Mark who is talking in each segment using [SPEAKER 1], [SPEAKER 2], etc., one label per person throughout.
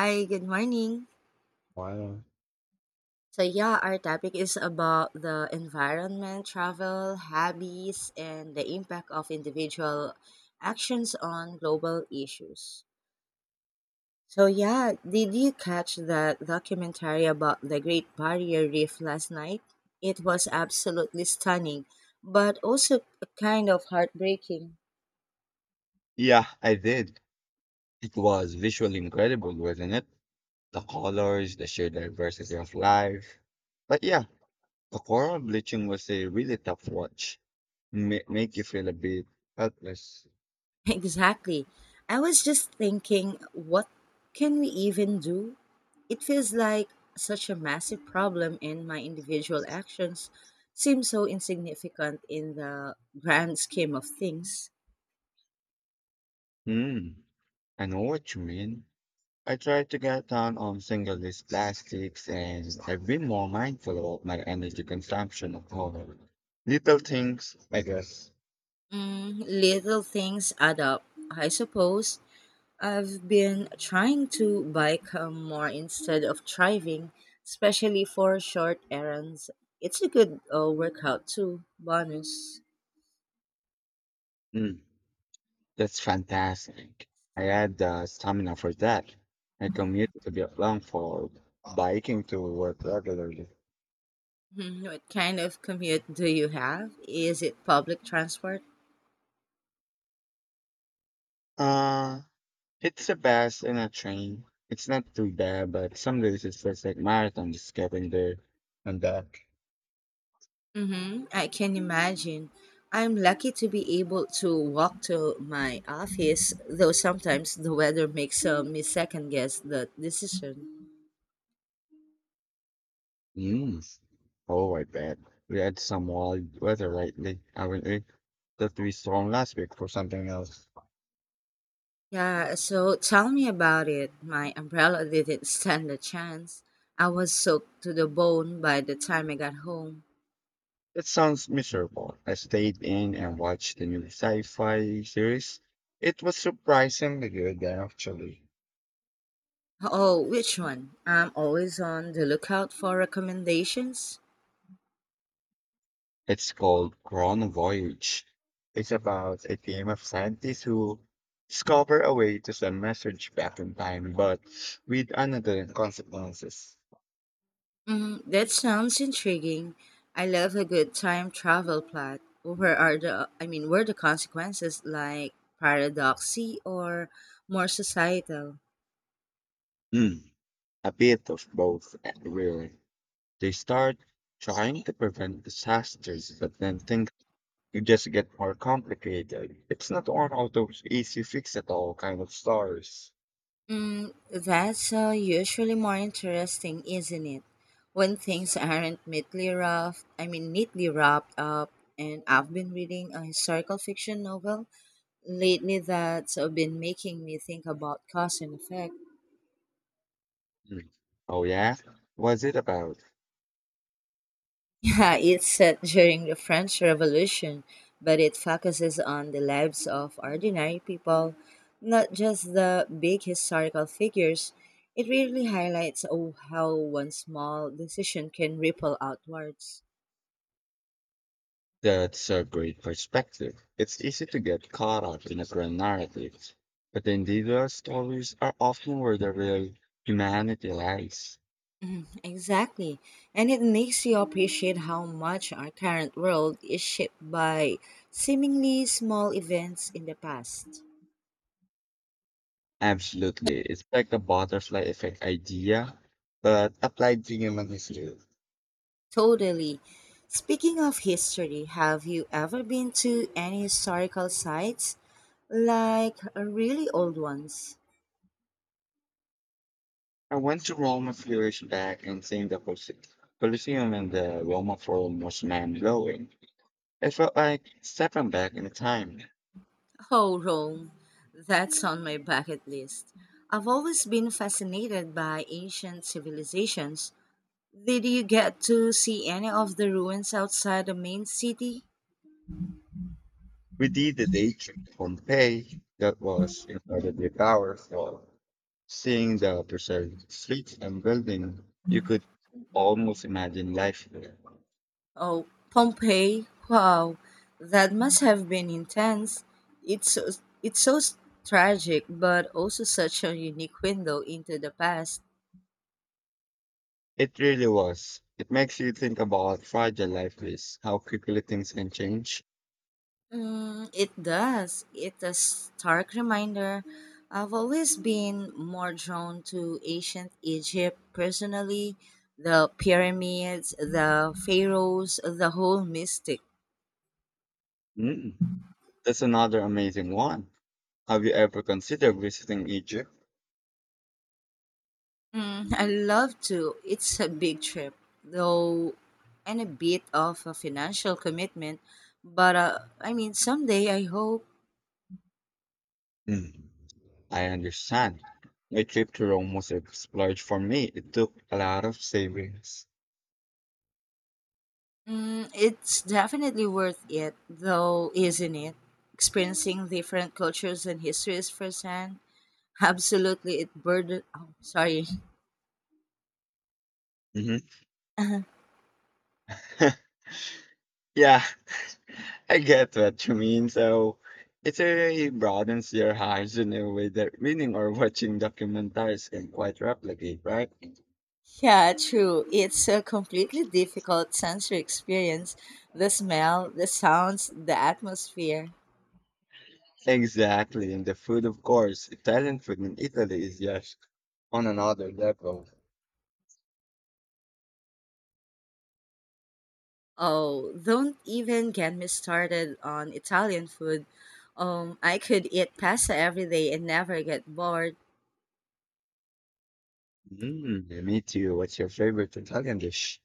[SPEAKER 1] Hi, good morning.
[SPEAKER 2] Wow.
[SPEAKER 1] So yeah, our topic is about the environment, travel, hobbies, and the impact of individual actions on global issues. So yeah, did you catch that documentary about the Great Barrier Reef last night? It was absolutely stunning, but also kind of heartbreaking.
[SPEAKER 2] Yeah, I did. It was visually incredible, wasn't it? The colors, the sheer diversity of life. But yeah, the coral bleaching was a really tough watch. Make you feel a bit helpless.
[SPEAKER 1] Exactly. I was just thinking, what can we even do? It feels like such a massive problem, and my individual actions seem so insignificant in the grand scheme of things.
[SPEAKER 2] Hmm, I know what you mean. I try to get down on single-use plastics and I've been more mindful about my energy consumption of coral. Little things, I guess.
[SPEAKER 1] Little things add up, I suppose. I've been trying to bike more instead of driving, especially for short errands. It's a good workout, too. Bonus.
[SPEAKER 2] Hmm. That's fantastic. I had the stamina for that. I commute to Vietnam for biking to work regularly.
[SPEAKER 1] Mhm. What kind of commute do you have? Is it public transport?
[SPEAKER 2] Uh, it's the best in a train. It's not too bad, but some days it feels like marathon just getting there and back.
[SPEAKER 1] Mm-hmm. I can imagine. I'm lucky to be able to walk to my office, though sometimes the weather makes me second guess the decision.
[SPEAKER 2] Mm. Oh, I bet. We had some wild weather lately, haven't we? That we storm last week for something else.
[SPEAKER 1] Yeah, so tell me about it. My umbrella didn't stand a chance. I was soaked to the bone by the time I got home.
[SPEAKER 2] That sounds miserable. I stayed in and watched the new sci-fi series. It was surprisingly good, actually.
[SPEAKER 1] Oh, which one? I'm always on the lookout for recommendations.
[SPEAKER 2] It's called Chrono Voyage. It's about a team of scientists who discover a way to send message back in time, but with another consequences.
[SPEAKER 1] That sounds intriguing. I love a good time travel plot. Where are the I mean, were the consequences like paradoxy or more societal?
[SPEAKER 2] Hmm, a bit of both, really. They start trying to prevent disasters, but then things you just get more complicated. It's not one of those easy fix it all kind of stars.
[SPEAKER 1] That's usually more interesting, isn't it? When things aren't neatly wrapped, I mean, neatly wrapped up. And I've been reading a historical fiction novel lately that's been making me think about cause and effect.
[SPEAKER 2] Mm. Oh yeah? What's it about?
[SPEAKER 1] Yeah, it's set during the French Revolution, but it focuses on the lives of ordinary people, not just the big historical figures. It really highlights how one small decision can ripple outwards.
[SPEAKER 2] That's a great perspective. It's easy to get caught up in a grand narrative, but the individual stories are often where the real humanity lies.
[SPEAKER 1] Exactly, and it makes you appreciate how much our current world is shaped by seemingly small events in the past.
[SPEAKER 2] Absolutely. It's like the butterfly effect idea, but applied to human history.
[SPEAKER 1] Totally. Speaking of history, have you ever been to any historical sites? Like really old ones?
[SPEAKER 2] I went to Rome a few years back and seeing the Colosseum and the Roman Forum was mind blowing. It felt like stepping back in time.
[SPEAKER 1] Oh, Rome. That's on my bucket list. I've always been fascinated by ancient civilizations. Did you get to see any of the ruins outside the main city?
[SPEAKER 2] We did the day trip to Pompeii that was incredibly powerful. Seeing the preserved streets and building, you could almost imagine life there.
[SPEAKER 1] Oh, Pompeii! Wow, that must have been intense. It's so, it's so tragic, but also such a unique window into the past.
[SPEAKER 2] It really was. It makes you think about how fragile life is, how quickly things can change.
[SPEAKER 1] It does. It's a stark reminder. I've always been more drawn to ancient Egypt personally. The pyramids, the pharaohs, the whole mystic.
[SPEAKER 2] Mm, that's another amazing one. Have you ever considered visiting Egypt?
[SPEAKER 1] I love to. It's a big trip, though, and a bit of a financial commitment. But I mean, someday I hope.
[SPEAKER 2] Mm, I understand. My trip to Rome was a splurge for me. It took a lot of savings.
[SPEAKER 1] Mm, it's definitely worth it, though, isn't it? Experiencing different cultures and histories firsthand. Absolutely, it burden. Oh, sorry.
[SPEAKER 2] Hmm. Yeah, I get what you mean. So it really broadens your horizon in a way that reading or watching documentaries can quite replicate, right?
[SPEAKER 1] Yeah, true. It's a completely difficult sensory experience. The smell, the sounds, the atmosphere.
[SPEAKER 2] Exactly. And the food, of course, Italian food in Italy is just on another level.
[SPEAKER 1] Oh, don't even get me started on Italian food. I could eat pasta every day and never get bored.
[SPEAKER 2] Mm, me too. What's your favorite Italian dish?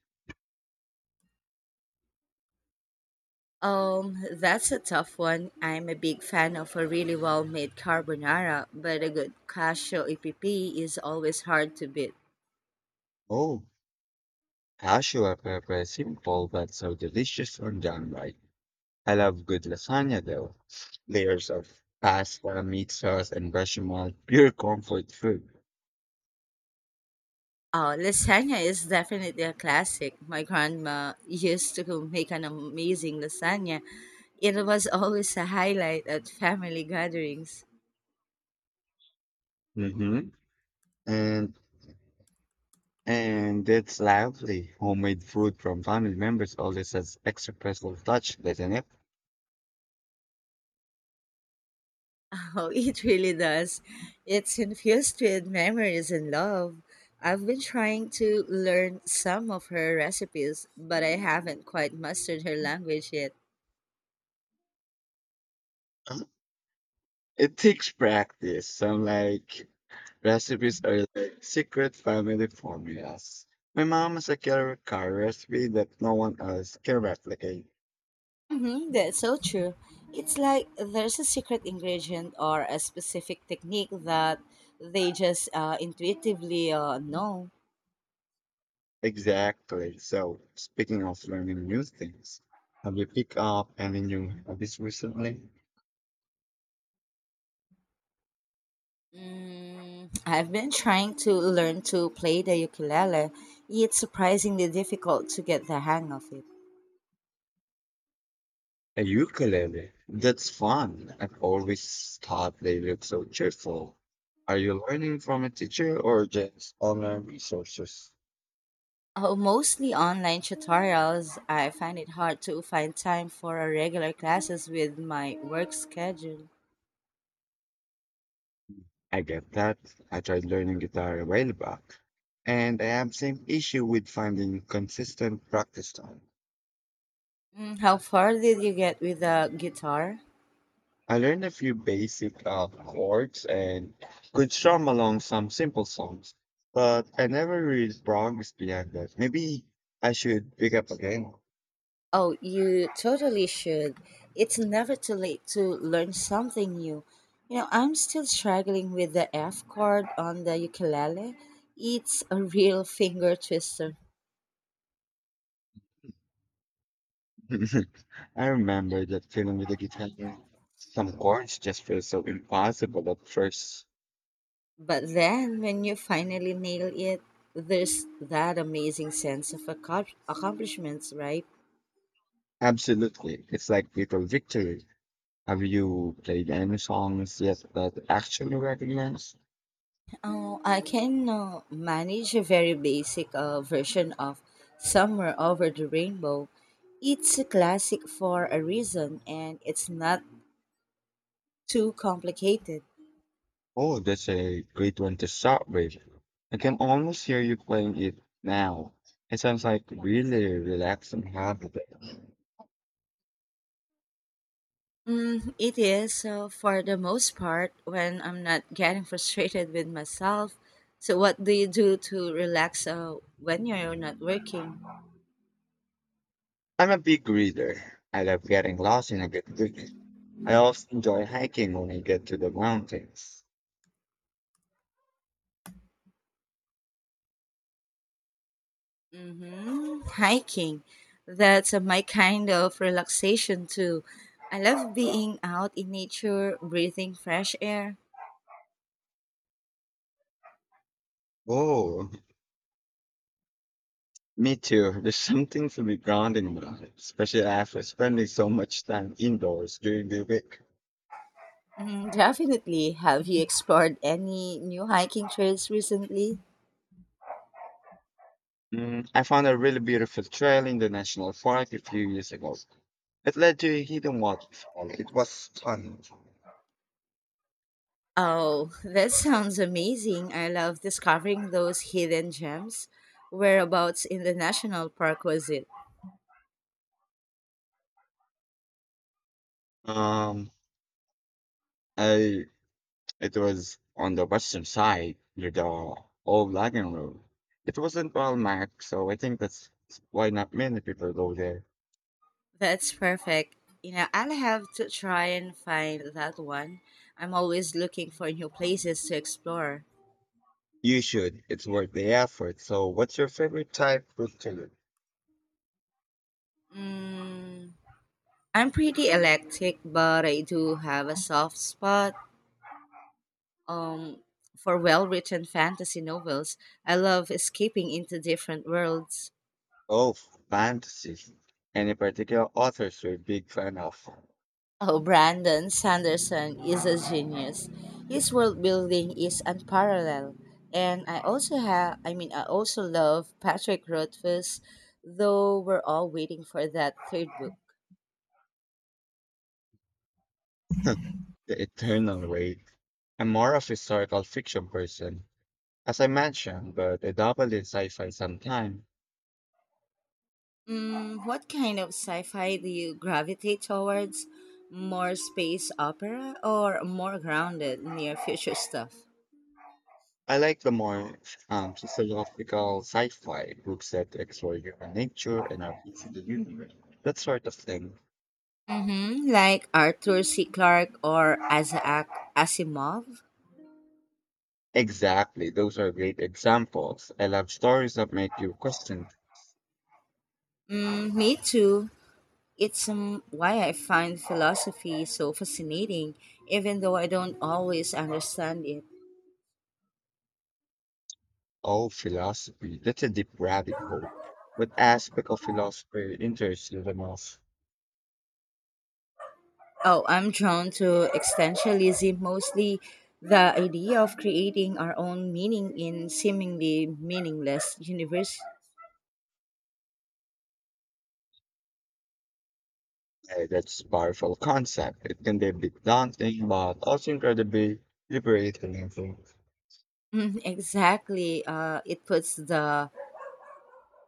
[SPEAKER 1] That's a tough one. I'm a big fan of a really well-made carbonara, but a good cashew EPP is always hard to beat.
[SPEAKER 2] Oh, Cashew are pepper is simple but so delicious on downright. I love good lasagna though. Layers of pasta, meat sauce, and bechamel, pure comfort food.
[SPEAKER 1] Lasagna is definitely a classic. My grandma used to make an amazing lasagna. It was always a highlight at family gatherings.
[SPEAKER 2] Mm-hmm. And and it's lovely. Homemade food from family members always has extra personal touch, doesn't it?
[SPEAKER 1] Oh, it really does. It's infused with memories and love. I've been trying to learn some of her recipes, but I haven't quite mastered her language yet.
[SPEAKER 2] Uh, It takes practice. Some like recipes are like secret family formulas. My mom has a killer car recipe that no one else can replicate.
[SPEAKER 1] Mm-hmm, that's so true. It's like there's a secret ingredient or a specific technique that they just intuitively know.
[SPEAKER 2] Exactly. So, speaking of learning new things, have you picked up any new hobbies recently?
[SPEAKER 1] I've been trying to learn to play the ukulele. It's surprisingly difficult to get the hang of it.
[SPEAKER 2] A ukulele. That's fun. I've always thought they look so cheerful. Are you learning from a teacher or just online resources?
[SPEAKER 1] Oh, mostly online tutorials. I find it hard to find time for a regular classes with my work schedule.
[SPEAKER 2] I get that. I tried learning guitar a while back, and I have same issue with finding consistent practice time.
[SPEAKER 1] How far did you get with the guitar?
[SPEAKER 2] I learned a few basic chords and could strum along some simple songs, but I never really progressed beyond that. Maybe I should pick up again.
[SPEAKER 1] Oh, you totally should. It's never too late to learn something new. You know, I'm still struggling with the F chord on the ukulele. It's a real finger twister.
[SPEAKER 2] I remember that feeling with the guitar. Some chords just feel so impossible at first.
[SPEAKER 1] But then when you finally nail it, there's that amazing sense of accomplishments, right?
[SPEAKER 2] Absolutely. It's like little victory. Have you played any songs yet that actually recognize?
[SPEAKER 1] I can manage a very basic version of Somewhere Over the Rainbow. It's a classic for a reason and it's not too complicated.
[SPEAKER 2] Oh, that's a great one to start with. I can almost hear you playing it now. It sounds like really relaxing habit.
[SPEAKER 1] It is, for the most part, when I'm not getting frustrated with myself. So, what do you do to relax when you're not working?
[SPEAKER 2] I'm a big reader. I love getting lost in a good book. I also enjoy hiking when I get to the mountains.
[SPEAKER 1] Mm-hmm. Hiking. That's my kind of relaxation too. I love being out in nature, breathing fresh air.
[SPEAKER 2] Oh, me too. There's something to be grounding about, especially after spending so much time indoors during the week.
[SPEAKER 1] Mm, definitely. Have you explored any new hiking trails recently?
[SPEAKER 2] Mm, I found a really beautiful trail in the national park a few years ago. It led to a hidden waterfall. It was stunning.
[SPEAKER 1] Oh, that sounds amazing. I love discovering those hidden gems. Whereabouts in the national park was it?
[SPEAKER 2] Um, I It was on the western side near the old wagon road. It wasn't well marked, so I think that's why not many people go there.
[SPEAKER 1] That's perfect. You know, I'll have to try and find that one. I'm always looking for new places to explore.
[SPEAKER 2] You should. It's worth the effort. So, what's your favorite type book to read?
[SPEAKER 1] Mm, I'm pretty eclectic, but I do have a soft spot um, for well written fantasy novels. I love escaping into different worlds.
[SPEAKER 2] Oh, fantasy. Any particular authors you're a big fan of?
[SPEAKER 1] Oh, Brandon Sanderson is a genius. His world building is unparalleled. And I mean, I also love Patrick Rothfuss, though we're all waiting for that third book.
[SPEAKER 2] The Eternal Wait. I'm more of a historical fiction person, as I mentioned, but I dabble in sci-fi sometimes.
[SPEAKER 1] What kind of sci-fi do you gravitate towards? More space opera or more grounded near future stuff?
[SPEAKER 2] I like the more sociological sci-fi books that explore human nature and our place in the universe. That sort of thing.
[SPEAKER 1] Mm-hmm. Like Arthur C. Clarke or Isaac Asimov?
[SPEAKER 2] Exactly. Those are great examples. I love stories that make you question.
[SPEAKER 1] Mm, me too. It's why I find philosophy so fascinating, even though I don't always understand it.
[SPEAKER 2] Oh, philosophy, that's a deep rabbit hole. What aspect of philosophy interests you the most?
[SPEAKER 1] Oh, I'm drawn to existentialism, mostly the idea of creating our own meaning in seemingly meaningless universe.
[SPEAKER 2] That's a powerful concept. It can be a bit daunting, but also incredibly liberating, I think.
[SPEAKER 1] Mm, exactly. It puts the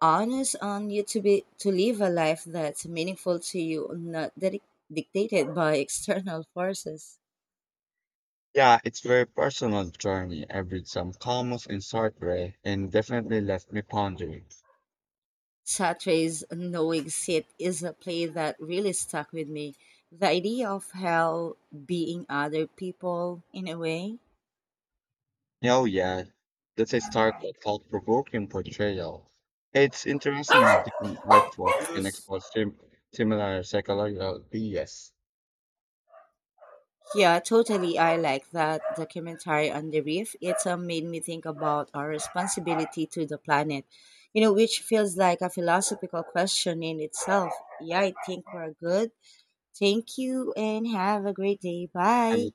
[SPEAKER 1] onus on you to live a life that's meaningful to you, not dictated by external forces.
[SPEAKER 2] Yeah, it's very personal journey. I read some comments in Sartre and definitely left me pondering.
[SPEAKER 1] Sartre's Knowing Sit is a play that really stuck with me. The idea of hell being other people in a way.
[SPEAKER 2] Oh yeah, that's a stark thought-provoking portrayal. It's interesting how different artworks can expose similar psychological bias.
[SPEAKER 1] Yeah, totally. I like that documentary on the reef. It's made me think about our responsibility to the planet, which feels like a philosophical question in itself. Yeah, I think we're good. Thank you and have a great day.
[SPEAKER 2] I
[SPEAKER 1] Bye.
[SPEAKER 2] mean,